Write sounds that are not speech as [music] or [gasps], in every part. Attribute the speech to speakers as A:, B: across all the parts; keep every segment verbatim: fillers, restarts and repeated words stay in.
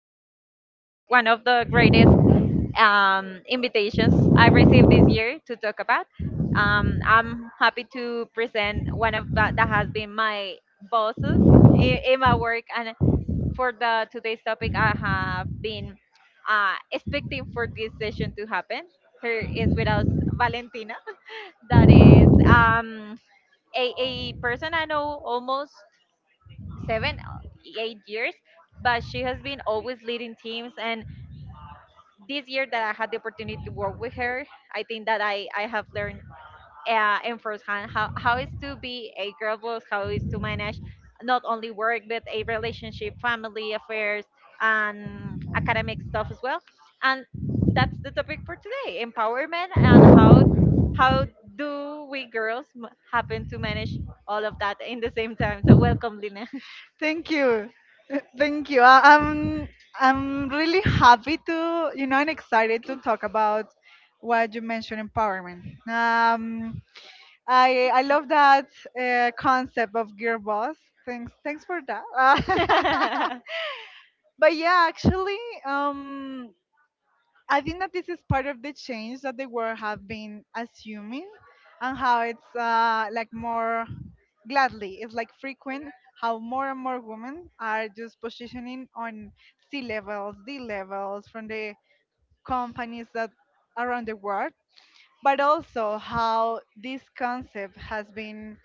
A: Today I have, I have one of the greatest um, invitations I received this year to talk about. Um, I'm happy to present one of that that has been my bosses in, in my work. And for the today's topic, I have been uh, expecting for this session to happen. Here is with us Valentina, [laughs] that is um, a, a person I know almost seven, eight years, but she has been always leading teams. And this year that I had the opportunity to work with her, I think that I, I have learned uh, in first hand how, how is to be a girl boss, how is to manage not only work, but a relationship, family affairs, and academic stuff as well. And that's the topic for today, empowerment, and how how do we girls m- happen to manage all of that in the same time. So welcome, Lina.
B: Thank you. [laughs] Thank you. I, I'm I'm really happy to, you know, and excited to talk about what you mentioned, empowerment. Um, I I love that uh, concept of girl boss. Thanks thanks for that.
A: [laughs]
B: [laughs] But yeah, actually, um, I think that this is part of the change that the world have been assuming, and how it's uh, like more gladly it's like frequent how more and more women are just positioning on C levels, D levels from the companies that around the world, but also how this concept has been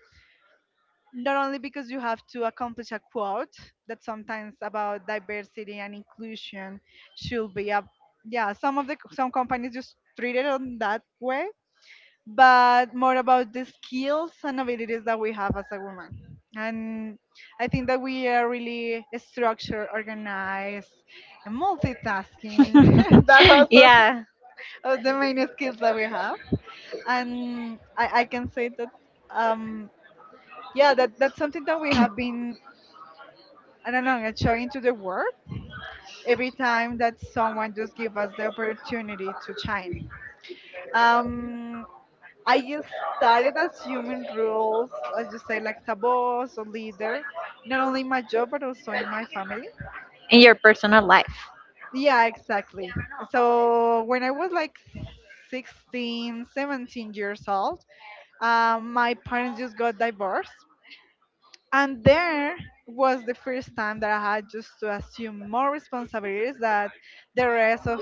B: not only because you have to accomplish a quote that sometimes about diversity and inclusion should be a, yeah, some of the some companies just treat it on that way, but more about the skills and abilities that we have as a woman, and I think that we are really structured, organized, and multitasking. [laughs] That was
A: [laughs]
B: one
A: Yeah,
B: of the main skills that we have, and i, I can say that um yeah, that that's something that we have been, I don't know, and showing to the world every time that someone just give us the opportunity to shine. Um, I just started as human rules, as you say, like as a boss or leader, not only in my job but also in my family.
A: in your personal life.
B: Yeah, exactly. So when I was like sixteen, seventeen years old, um, my parents just got divorced. And there was the first time that I had just to assume more responsibilities that the rest of,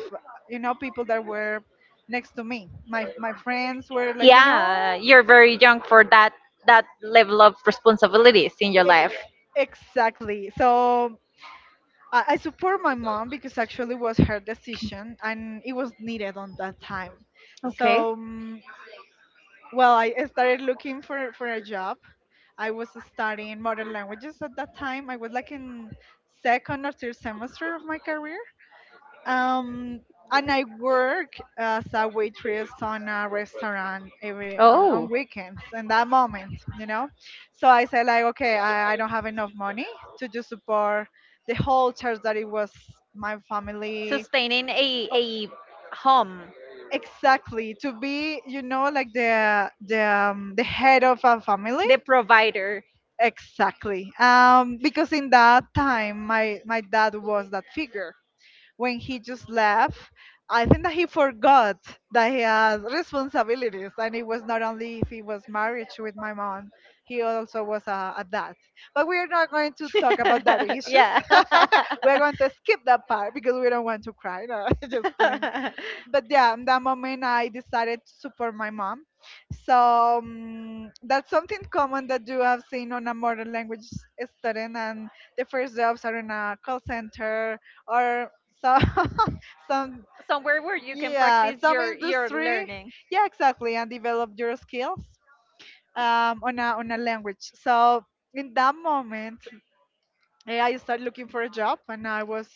B: you know, people that were next to me. My my friends were like, you
A: Yeah,
B: know,
A: you're very young for that that level of responsibilities in your
B: ex-
A: life.
B: exactly. So I, I support my mom because actually was her decision and it was needed on that time.
A: Okay.
B: So, mm, well, I I started looking for for a job. I was studying modern languages at that time. I was like in second or third semester of my career. Um, and I work as a waitress on a restaurant every on, on
A: Oh,
B: weekends in that moment, you know. So I said like, okay, I, I don't have enough money to just support the whole church that it was my family.
A: sustaining a
B: Oh,
A: a home,
B: exactly, to be, you know, like the the um, the head of a family.
A: the provider.
B: Exactly. Um, because in that time, my my dad was that figure. When he just left, I think that he forgot that he had responsibilities, and it was not only if he was married with my mom, he also was a, a dad. But we are not going to talk about that
A: [laughs]
B: issues.
A: Yeah.
B: [laughs] We are going to skip that part because we don't want to cry. No, [laughs] just kidding.
A: [laughs]
B: But yeah, in that moment, I decided to support my mom. So, um, that's something common that you have seen on a modern language student, and the first jobs are in a call center or so. [laughs] Some,
A: Somewhere where you can
B: yeah,
A: practice
B: some
A: your your
B: industry,
A: learning.
B: yeah, exactly, and develop your skills um, on a on a language. So in that moment, eh, I started looking for a job, and I was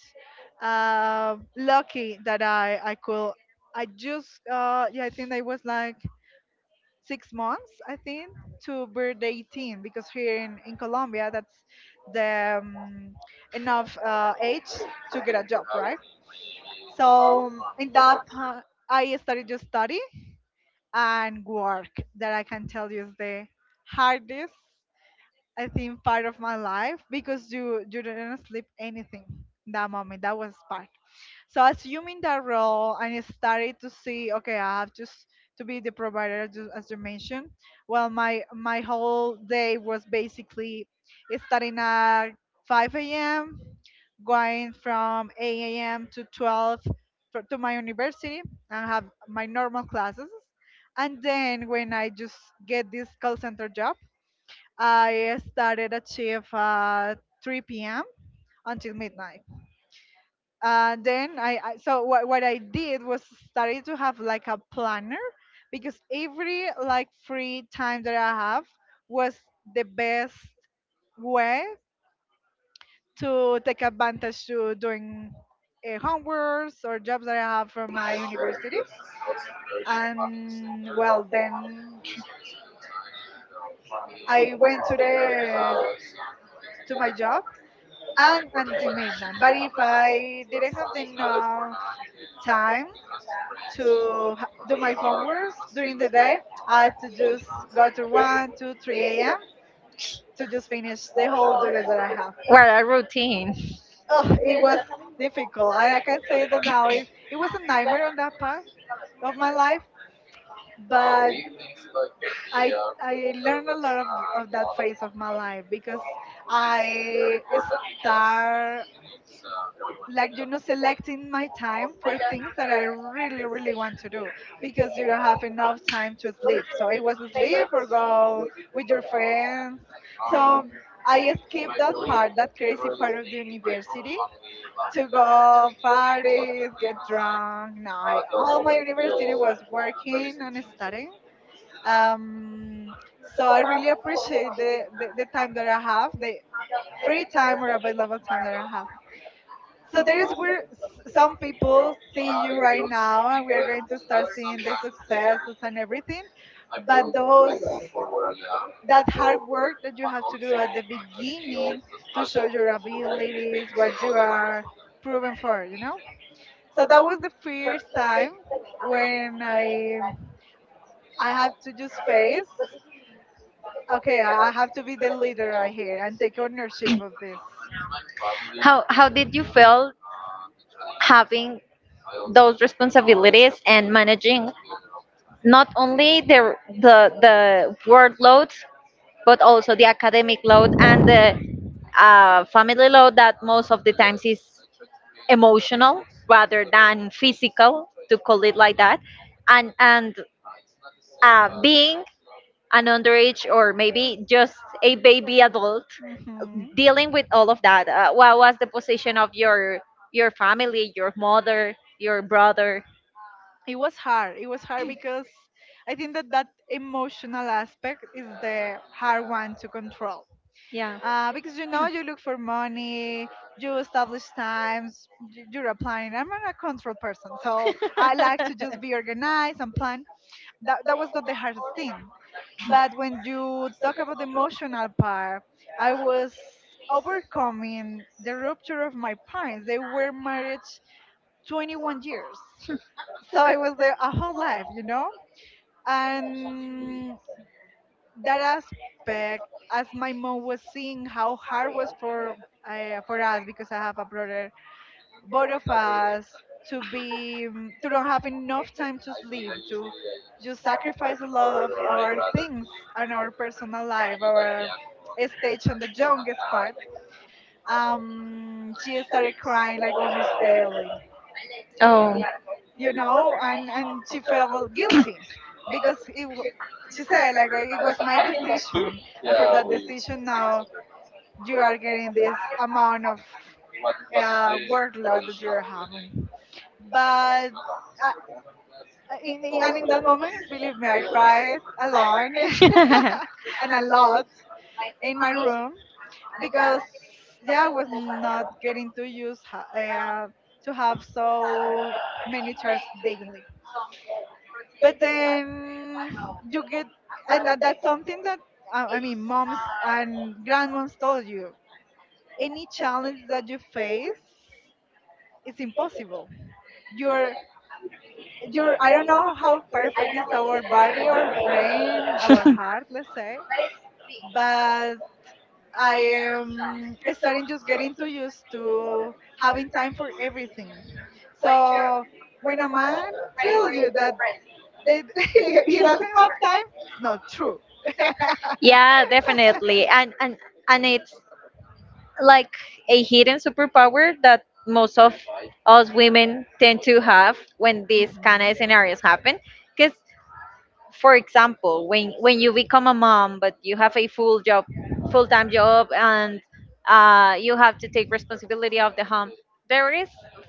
B: uh, lucky that i i could. I just uh, yeah, I think I was like six months, I think, to birth eighteen, because here in in colombia that's the um, enough uh, age to get a job, right? So in that, pa- I started to study and work. That I can tell you is the hardest, I think, part of my life, because you you didn't sleep anything that moment. That was part. So assuming that role and started to see, okay, I have just to be the provider, ju- as you mentioned. Well, my my whole day was basically starting at five a m, going from eight a m to twelve, to to my university and have my normal classes. And then when I just get this call center job, I started at shift at three p m until midnight, and then I, I so, what, what I did was started to have like a planner, because every like free time that I have was the best way to take advantage to doing uh, homeworks or jobs that I have from my university. And well, then I went to the, to my job and until midnight. But if I didn't have enough time to ha- do my homeworks during the day, I had to just go to one, two, three a m to just finish the whole duties that I have.
A: Well, a routine.
B: Oh, it was difficult. I, I can say that now. It, it was a nightmare on that part of my life, but I I learned a lot of, of that phase of my life, because I start, like, you know, selecting my time for things that I really really want to do, because you don't have enough time to sleep, so it was sleep or go with your friends. So I skipped that part, that crazy part of the university, to go parties, get drunk. No, I, all my university was working and studying. um so I really appreciate the, the the time that I have, the free time or available time that I have. So there's where s- some people see you right now, and we are going to start seeing the successes and everything. But those, that hard work that you have to do at the beginning to show your abilities, what you are proven for, you know. So that was the first time when I I have to just face, okay, I I have to be the leader right here and take ownership of this.
A: How how did you feel having those responsibilities and managing not only the the the workload but also the academic load and the uh, family load that most of the times is emotional rather than physical, to call it like that, and and uh, being an underage or maybe just a baby adult dealing with all of that. Uh, what was the position of your your family, your mother, your brother?
B: It was hard. It was hard because I think that that emotional aspect is the hard one to control.
A: Yeah.
B: Uh, because you know you look for money, you establish times, y- you're planning. I'm not a control person, so I like to
A: [laughs]
B: just be organized and plan. That that was not the hardest thing, but when you talk about the emotional part, I was overcoming the rupture of my parents. They were married twenty-one years, so it was there a whole life, you know, and that aspect, as my mom was seeing how hard was for uh, for us, because I have a brother, both of us to be, mm, to don't have enough time to sleep, to just sacrifice a lot of our things and our personal life, our stage on the youngest part. Um, she started crying like almost daily,
A: Oh.
B: you know, and and she felt guilty, because it wa- she said like, "Well, it was my decision, and for that decision now you are getting this amount of uh, workload that you're having. But uh, in, in- and in that moment, believe me, I cried alone.
A: [laughs]
B: [laughs] And a lot in my room, because yeah, I was not getting to use ha- uh, to have so many chats daily. But then you get, and that, that's something that uh, I mean, moms and grandmoms told you, any challenge that you face is impossible. your your I don't know how perfect is our body or brain, our heart, let's say. But I am starting just getting too used to having time for everything. So when a man tells you that they, [laughs] he doesn't have time, it's not true.
A: Yeah, definitely. And and and it's like a hidden superpower that most of us women tend to have when these kind of scenarios happen. Because for example, when when you become a mom but you have a full job full-time job and uh, you have to take responsibility of the home, there is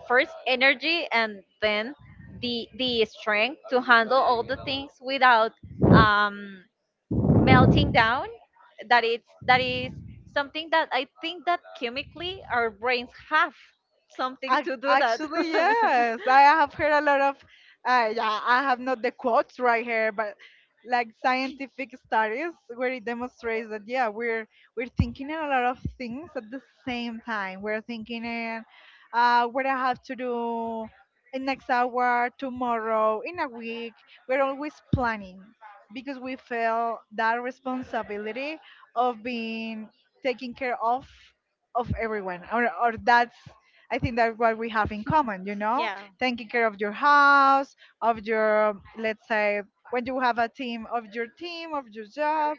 A: first energy and then the the strength to handle all the things without um melting down. That it's that is something that I think that chemically our brains have something
B: Ac-
A: to do that.
B: Actually,
A: [laughs]
B: yes. I have heard a lot of, uh, yeah, I have not the quotes right here, but like scientific studies where it demonstrates that yeah, we're we're thinking in a lot of things at the same time. We're thinking in uh, what I have to do in next hour, tomorrow, in a week. We're always planning, because we feel that responsibility of being taking care of of everyone, or or that's, I think that's what we have in common, you know,
A: Yeah.
B: taking care of your house, of your, let's say, when you have a team, of your team, of your job,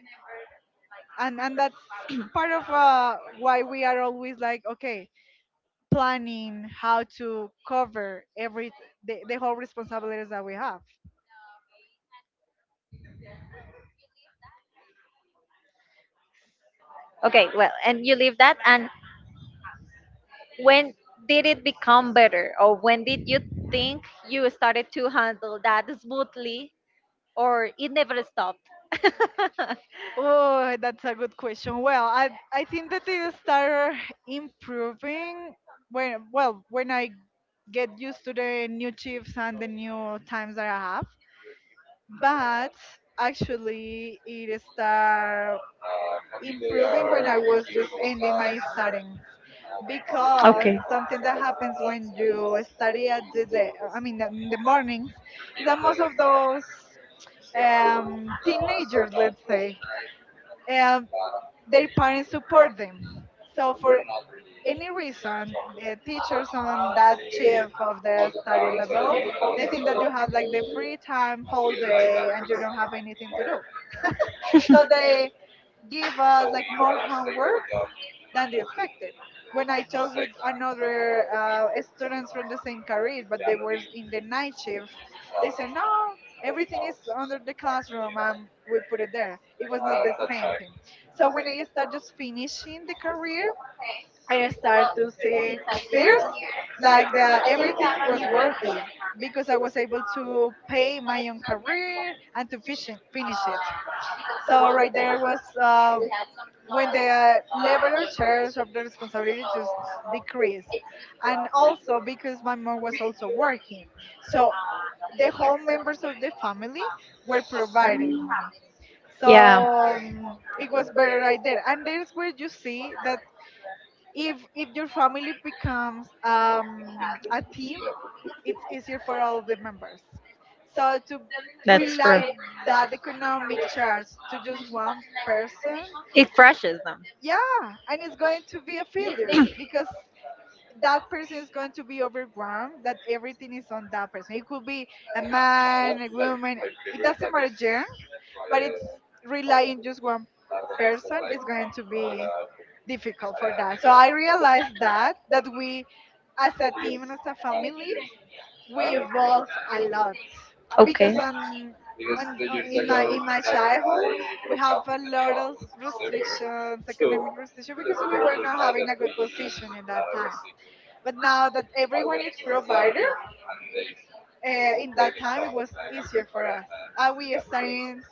B: and and that's part of, uh, why we are always like, okay, planning how to cover every the, the whole responsibilities that we have.
A: Okay, well, and you leave that. And when did it become better, or when did you think you started to handle that smoothly, or it never stopped?
B: Oh, that's a good question. Well, I I think that it started improving when, well, when I get used to the new chips and the new times that I have, but actually it started improving when I was just ending my studies,
A: [laughs]
B: because
A: Okay.
B: something that happens when you study at the day, I mean in the mornings, is that most of those um, teenagers, let's say, um, their parents support them. So for any reason, the teachers on that shift of the study level, they think that you have like the free time whole day and you don't have anything to do, so they give us like more homework than they expected. When I talked with another uh, students from the same career, but they were in the night shift, they said no, everything is under the classroom and we put it there. It was not the same thing. So when I started just finishing the career, I started to see first, like, the everything was worth it because I was able to pay my own career and to fish- finish it. So right there was uh, when the level or shares of the responsibility just decreased, and also because my mom was also working, so the whole members of the family were providing money,
A: Yeah.
B: so um, it was better right there, and there's where you see that if if your family becomes um, a team, it's easier for all the members, so to
A: That's
B: rely
A: true.
B: that economic charge to just one person.
A: It crushes them.
B: Yeah. And it's going to be a failure because that person is going to be overwhelmed, that everything is on that person. It could be a man, a woman, it doesn't matter gender, but it's relying just one person is going to be difficult for that. So I realized that that we, as a team and as a family, we evolve a lot. Uh, because
A: Okay.
B: on on uh, in my in my childhood we have a lot of restrictions, economic restrictions, because we were not having a good position in that time, but now that everyone is provider, uh, in that time it was easier for us. Uh, we are starting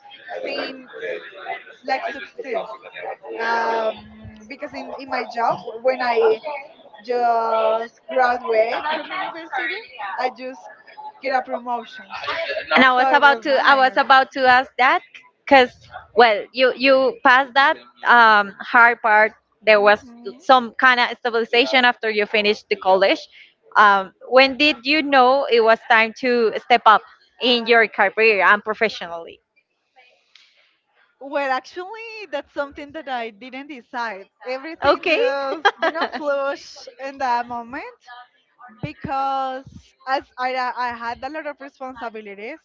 B: seeing like success, um, because in, in my job, w- when I just graduate from the university, I just get a promotion,
A: And I
B: so
A: was
B: it
A: about
B: was
A: to I was
B: nice.
A: about to ask that, because well, you you passed that um, hard part. There was some kind of stabilization after you finished the college. Um, when did you know it was time to step up in your career and professionally?
B: Well, actually, that's something that I didn't decide. Everything
A: Okay.
B: just, you
A: [laughs]
B: know, flush in that moment. Because as I I had a lot of responsibilities,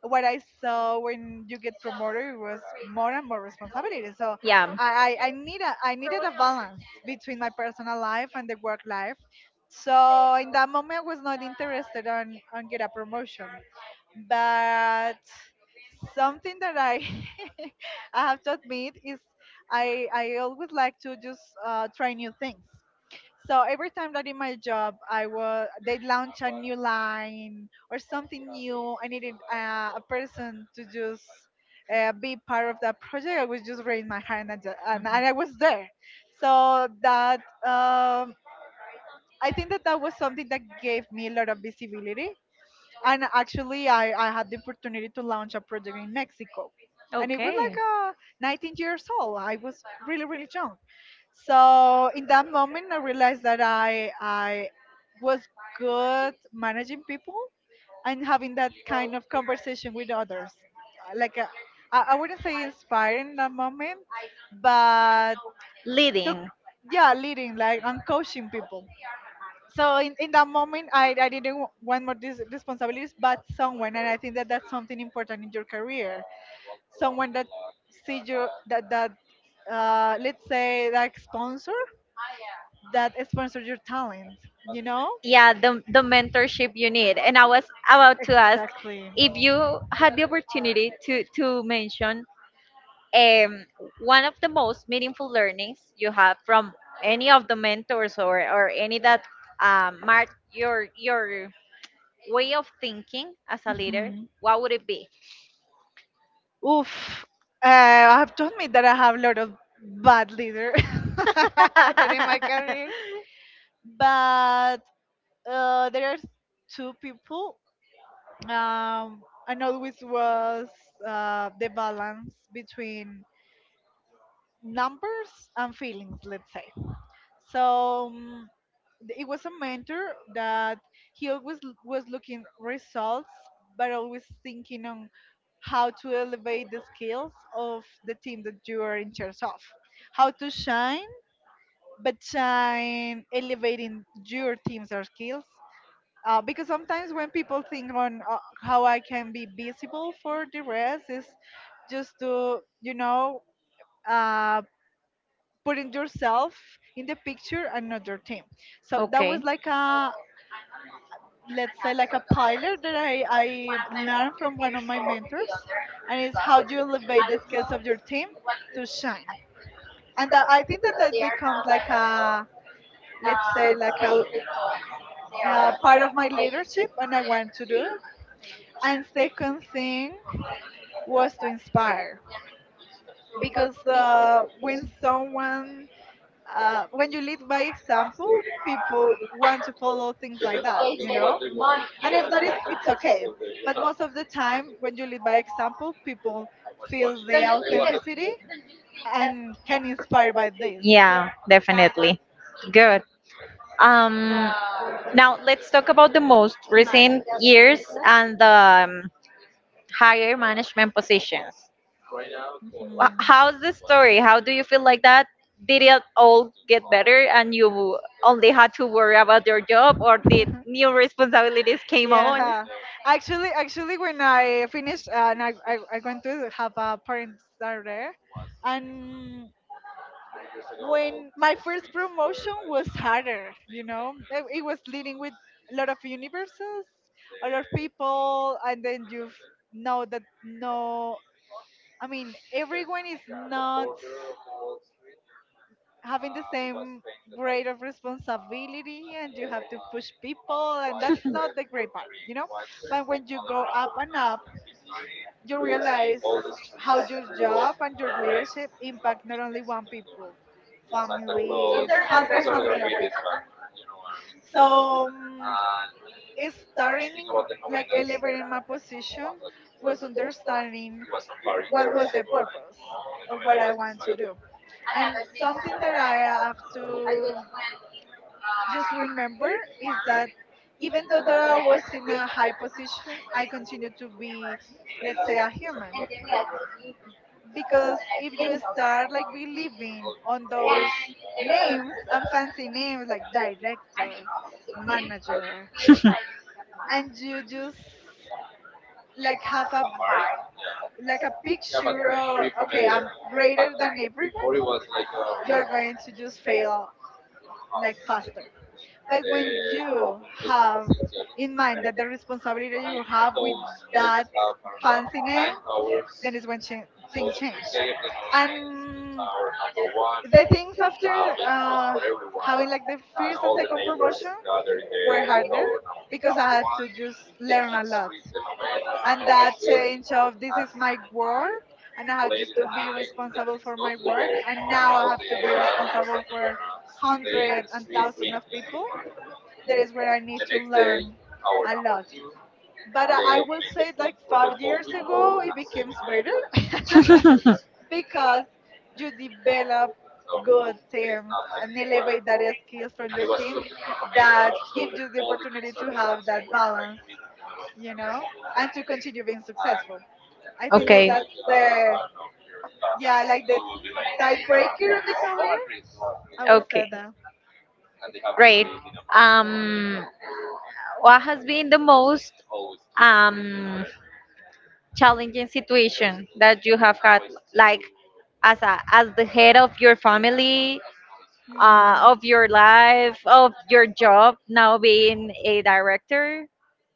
B: what I saw when you get promoted was more and more responsibility. So
A: Yeah.
B: I I I need a I needed a balance between my personal life and the work life. So in that moment, I was not interested on on get a promotion, but something that I [laughs] I have to admit is, I I always like to just uh, try new things. So every time that in my job, I was they launch a new line or something new, I needed uh, a person to just uh, be part of that project. I would just raise my hand and, ju- and, I was there. So that, um, I think that that was something that gave me a lot of visibility. And actually, I, I had the opportunity to launch a project in Mexico, and it was like uh, nineteen years old. I was really, really young. So in that moment I realized that i i was good managing people and having that kind of conversation with others. Uh, like, uh, I I wouldn't say inspiring in that moment, but the,
A: Leading.
B: yeah, leading, like, and coaching people. So in, in that moment, i, I didn't wa- want more dis- responsibilities. But someone, and I think that that's something important in your career, someone that sees you, that that uh, let's say, like, sponsor, that sponsors your talent, you know.
A: Yeah, the the mentorship you need. And I was about to ask
B: Exactly.
A: if you had the opportunity to to mention um, one of the most meaningful learnings you have from any of the mentors, or, or any that um, mark your your way of thinking as a leader,
B: Mm-hmm.
A: what would it be?
B: Oof. Uh, I have to admit that I have a lot of bad leader
A: [laughs]
B: [laughs] during my career. But uh, there are two people. Um, and always was uh, the balance between numbers and feelings, let's say. So, um, it was a mentor that he always l- was looking results, but always thinking on how to elevate the skills of the team that you are in charge of, how to shine, but shine elevating your team's or skills. Uh, because sometimes when people think on, uh, how I can be visible for the rest, is just to, you know uh, putting yourself in the picture and not your team. So that
A: Okay.
B: was like a, let's say, like a pilot that I, I learned from one of my mentors, and it's how do you elevate the skills of your team to shine. And that, I think that that becomes like a, let's say, like a, uh part of my leadership, and I want to do it. And second thing was to inspire, because uh, when someone uh, when you lead by example, people want to follow things like that, you know. And if not, it's, it's okay. But most of the time when you lead by example, people feel the authenticity and can inspire by this.
A: Yeah, definitely. Good. um now let's talk about the most recent years and the um, higher management positions. Wh-
B: Mhm.
A: How's the story? How do you feel like that? Did it all get better and you only had to worry about your job, or did new responsibilities came on?
B: Yeah, actually actually when I finished, uh, and I, I i going to have a parents that are there. And when my first promotion was harder, you know it, it was leading with a lot of universes, a lot of people, and then you know that no, I mean, everyone is not having the same grade of responsibility, and you have to push people, and that's not the great part, you know? But when you go up and up, you realize how your job and your leadership impact not only one people, families, hundred, hundred of people. So, mm, starting like elevating my position was understanding what was the purpose of what I want to do. And something that I have to just remember is that, even though that I was in a high position, I continue to be, let's say, a human. Because if you start like believing on those names and fancy names, like director, manager, and you just like have a, like a picture of, okay, I'm greater than everyone, you are going to just fail, like, faster. But when you have in mind that the responsibility you have with that fancy name, then is when cha- things change. And the things after, uh, having like the first and second promotion, were harder, because I had to just learn a lot, and that change of this is my work, and I have just to be responsible for my work, and now I have to be responsible for hundreds and thousands of people. That is where I need to learn a lot. But I I will say, like, five years ago it became better [laughs]
A: [laughs]
B: because you develop good teams and elevate that skills from your team that gives you the opportunity to have that balance, you know, and to continue being successful. I think that
A: Okay.
B: that's the, yeah, like, the tiebreaker on the career. I will say
A: Okay.
B: that.
A: Great. Um, what has been the most um, challenging situation that you have had, like, as a as the head of your family, uh,
B: Hmm.
A: of your life, of your job now being a director?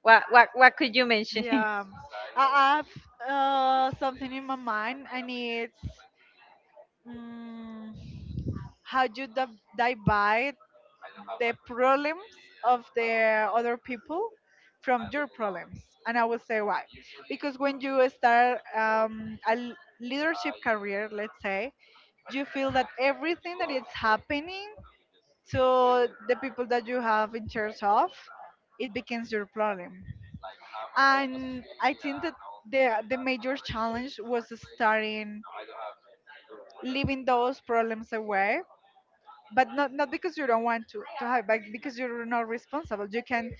A: What what what could you mention? [laughs]
B: Yeah, I have uh, something in my mind, and it's, mm, how you di- divide the problems of the other people from your problems. And I will say why. Because when you start, um, a l- leadership career, let's say, you feel that everything that is happening to the people that you have in charge of, it becomes your problem. And I think that the the major challenge was starting leaving those problems away, but not not because you don't want to to have it, but because you're not responsible. You can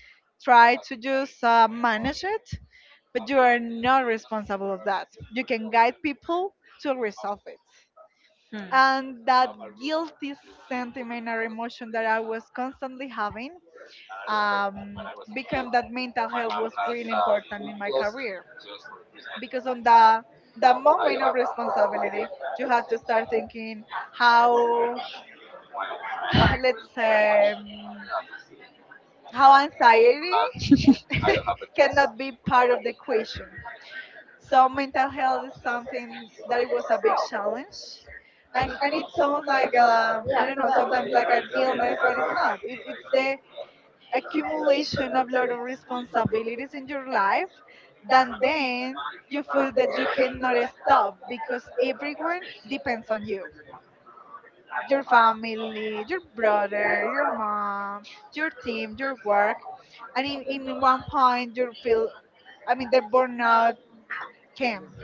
B: try to just uh, manage it, but you are not responsible of that. You can guide people to resolve it,
A: Hmm.
B: and that guilty sentiment or emotion that I was constantly having, um, became that mental health was really important in my career, because on the the moment of responsibility you have to start thinking how, [sighs] let's say, um, how anxiety [laughs] cannot be part of the equation. So mental health is something that it was a big challenge, and and it sounds like, uh, I don't know, sometimes, like an illness, but it's not. It, it's the accumulation of lot of responsibilities in your life, that then you feel that you cannot stop because everyone depends on you, your family, your brother, your mom, your team, your work. And in, in one point, you feel, I mean, the burnout came.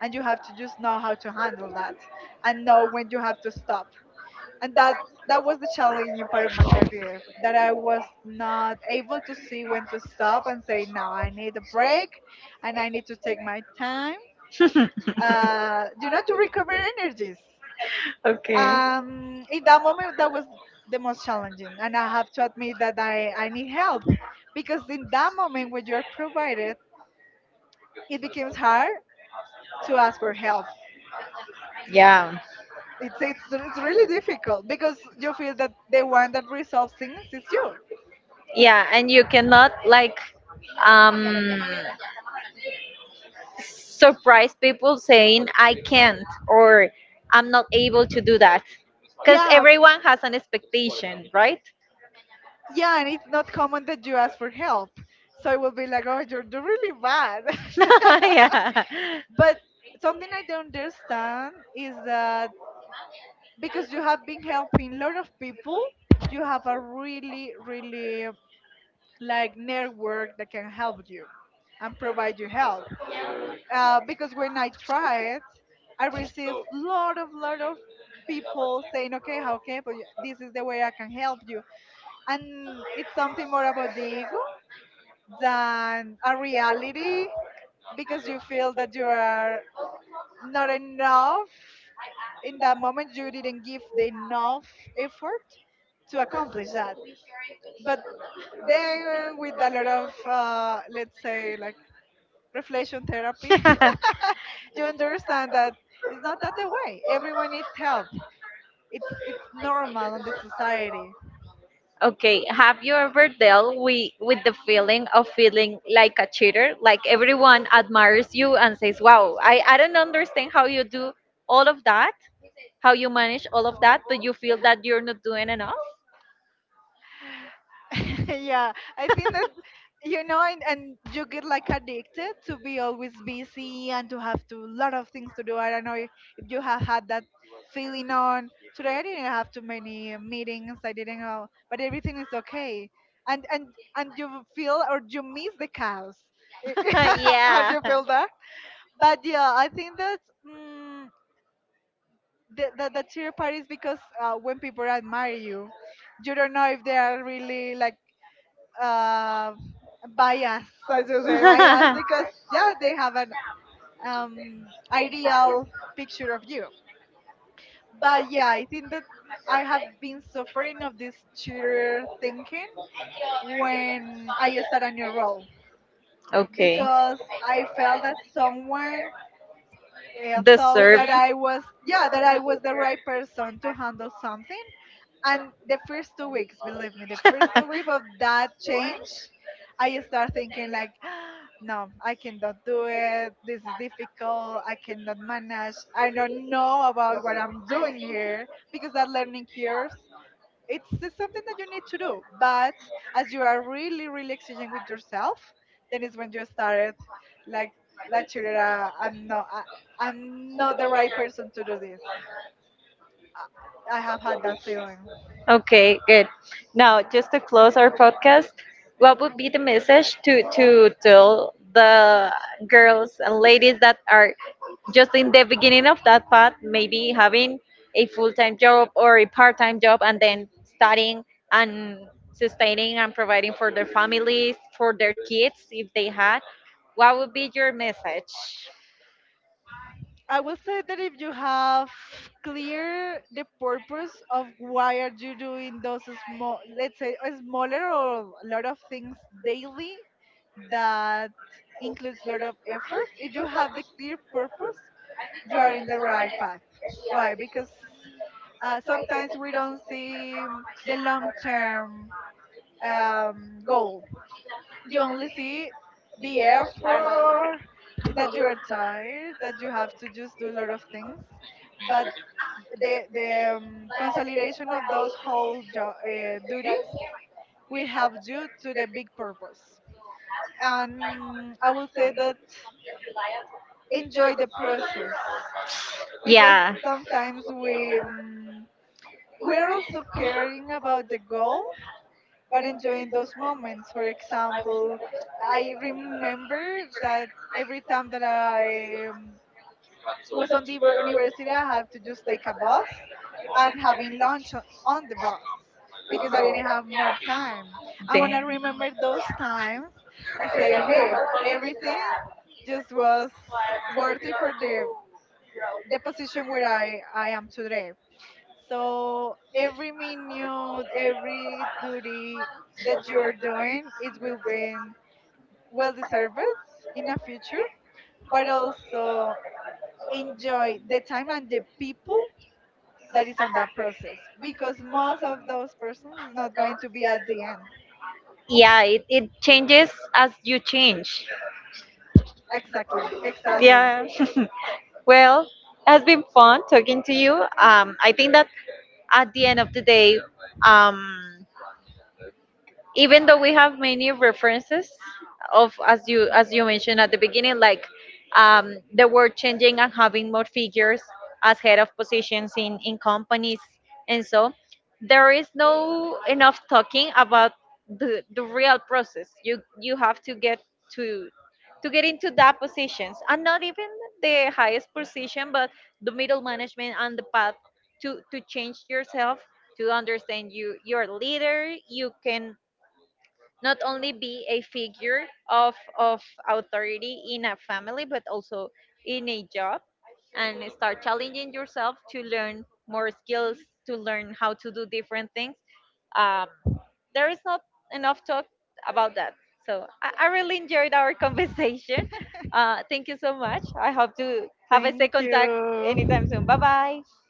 B: And you have to just know how to handle that, and know when you have to stop. And that that was the challenging part of my career, that I was not able to see when to stop and say, now I need a break and I need to take my time, uh, you know, to recover energies.
A: Okay.
B: Um in that moment, that was the most challenging, and I have to admit that i i need help, because in that moment when you're provided, it becomes hard to ask for help.
A: Yeah.
B: It's it's, it's really difficult because you feel that the one that resolves things is you.
A: Yeah, and you cannot, like, um surprise people saying I can't, or I'm not able to do that, because
B: Yeah.
A: everyone has an expectation, right?
B: Yeah, and it's not common that you ask for help. So I will be like, oh, you're doing really bad.
A: [laughs]
B: [laughs]
A: Yeah.
B: But something I don't understand is that, because you have been helping a lot of people, you have a really, really like network that can help you and provide you help. Uh, because when I tried, I received lot of, lot of people saying, okay, how can I help you? This is the way I can help you, and it's something more about the ego than a reality, because you feel that you are not enough in that moment, you didn't give the enough effort to accomplish that. But then with a lot of, uh, let's say, like, reflection therapy.
A: [laughs]
B: [laughs] You understand that, it's not that the way everyone needs help, it's it's normal on the society.
A: Okay, have you ever dealt with, with the feeling of feeling like a cheater? Like, everyone admires you and says, wow, I, I don't understand how you do all of that, how you manage all of that, but you feel that you're not doing enough?
B: [laughs] Yeah, I think that. You know, and, and you get like addicted to be always busy and to have to lot of things to do. I don't know if, if you have had that feeling on today. I didn't have too many meetings. I didn't know, but everything is okay, and and and you feel or you miss the chaos. [laughs]
A: [laughs]
B: have
A: Yeah.
B: you felt that? But yeah, I think that. Mm, the, the, the cheer part is because, uh, when people admire you, you don't know if they are really like, uh, bias, I should say
A: [laughs]
B: bias, because yeah, they have an, um, ideal picture of you. But yeah, I think that I have been suffering of this tutor thinking when I start a new role,
A: Okay.
B: because I felt that someone, uh, thought
A: Deserve.
B: that I was yeah that I was the right person to handle something. And the first two weeks, believe me, the first two weeks of that change,
A: [laughs]
B: I start thinking, like, [gasps] no, I cannot do it, this is difficult, I cannot manage, I don't know about what I'm doing here, because that learning curve, it's just something that you need to do. But as you are really, really exchanging with yourself, then it's when you started, like like Chirera, i'm not I, i'm not the right person to do this. i I have had that feeling.
A: Okay, good. Now, just to close our podcast, what would be the message to to tell the girls and ladies that are just in the beginning of that path, maybe having a full-time job or a part-time job, and then studying, and sustaining and providing for their families, for their kids if they had? What would be your message?
B: I will say that if you have clear the purpose of why are you doing those small, let's say, a smaller or a lot of things daily, that includes a lot of efforts. If you have the clear purpose, you are in the right path. Why? Because, uh, sometimes we don't see the long term, um, goal. You only see the effort, that you are tired, that you have to just do a lot of things, but the the um, consolidation of those whole jo- uh, duties will help you to the big purpose. And I will say that, enjoy the process, because
A: Yeah.
B: sometimes we um, we're also caring about the goal, but enjoying those moments. For example, I remember that every time that I, um, was on the uni- university, I had to just take a bus and having lunch on, on the bus, because I didn't have more time. And when I
A: the-
B: remember those times, I say, hey, everything just was worthy for the the position where I, I am today. So every minute, every duty that you're doing, it will be well deserved in the future, but also enjoy the time and the people that is on that process, because most of those persons is not going to be at the end.
A: Yeah, it, it changes as you change.
B: Exactly, exactly.
A: Yeah. [laughs] Well, it has been fun talking to you. Um, I think that at the end of the day, um, even though we have many references of, as you as you mentioned at the beginning, like, um, the word changing and having more figures as head of positions in in companies and so, there is no enough talking about the the real process you you have to get to to get into that positions, and not even the highest position but the middle management, and the path to to change yourself, to understand you your leader, you can not only be a figure of of authority in a family but also in a job, and start challenging yourself to learn more skills, to learn how to do different things. um, there is not enough talk about that. So i, I really enjoyed our [laughs] conversation. Uh, thank you so much. I hope to have a
B: Thank
A: second talk anytime soon. Bye
B: you.
A: bye.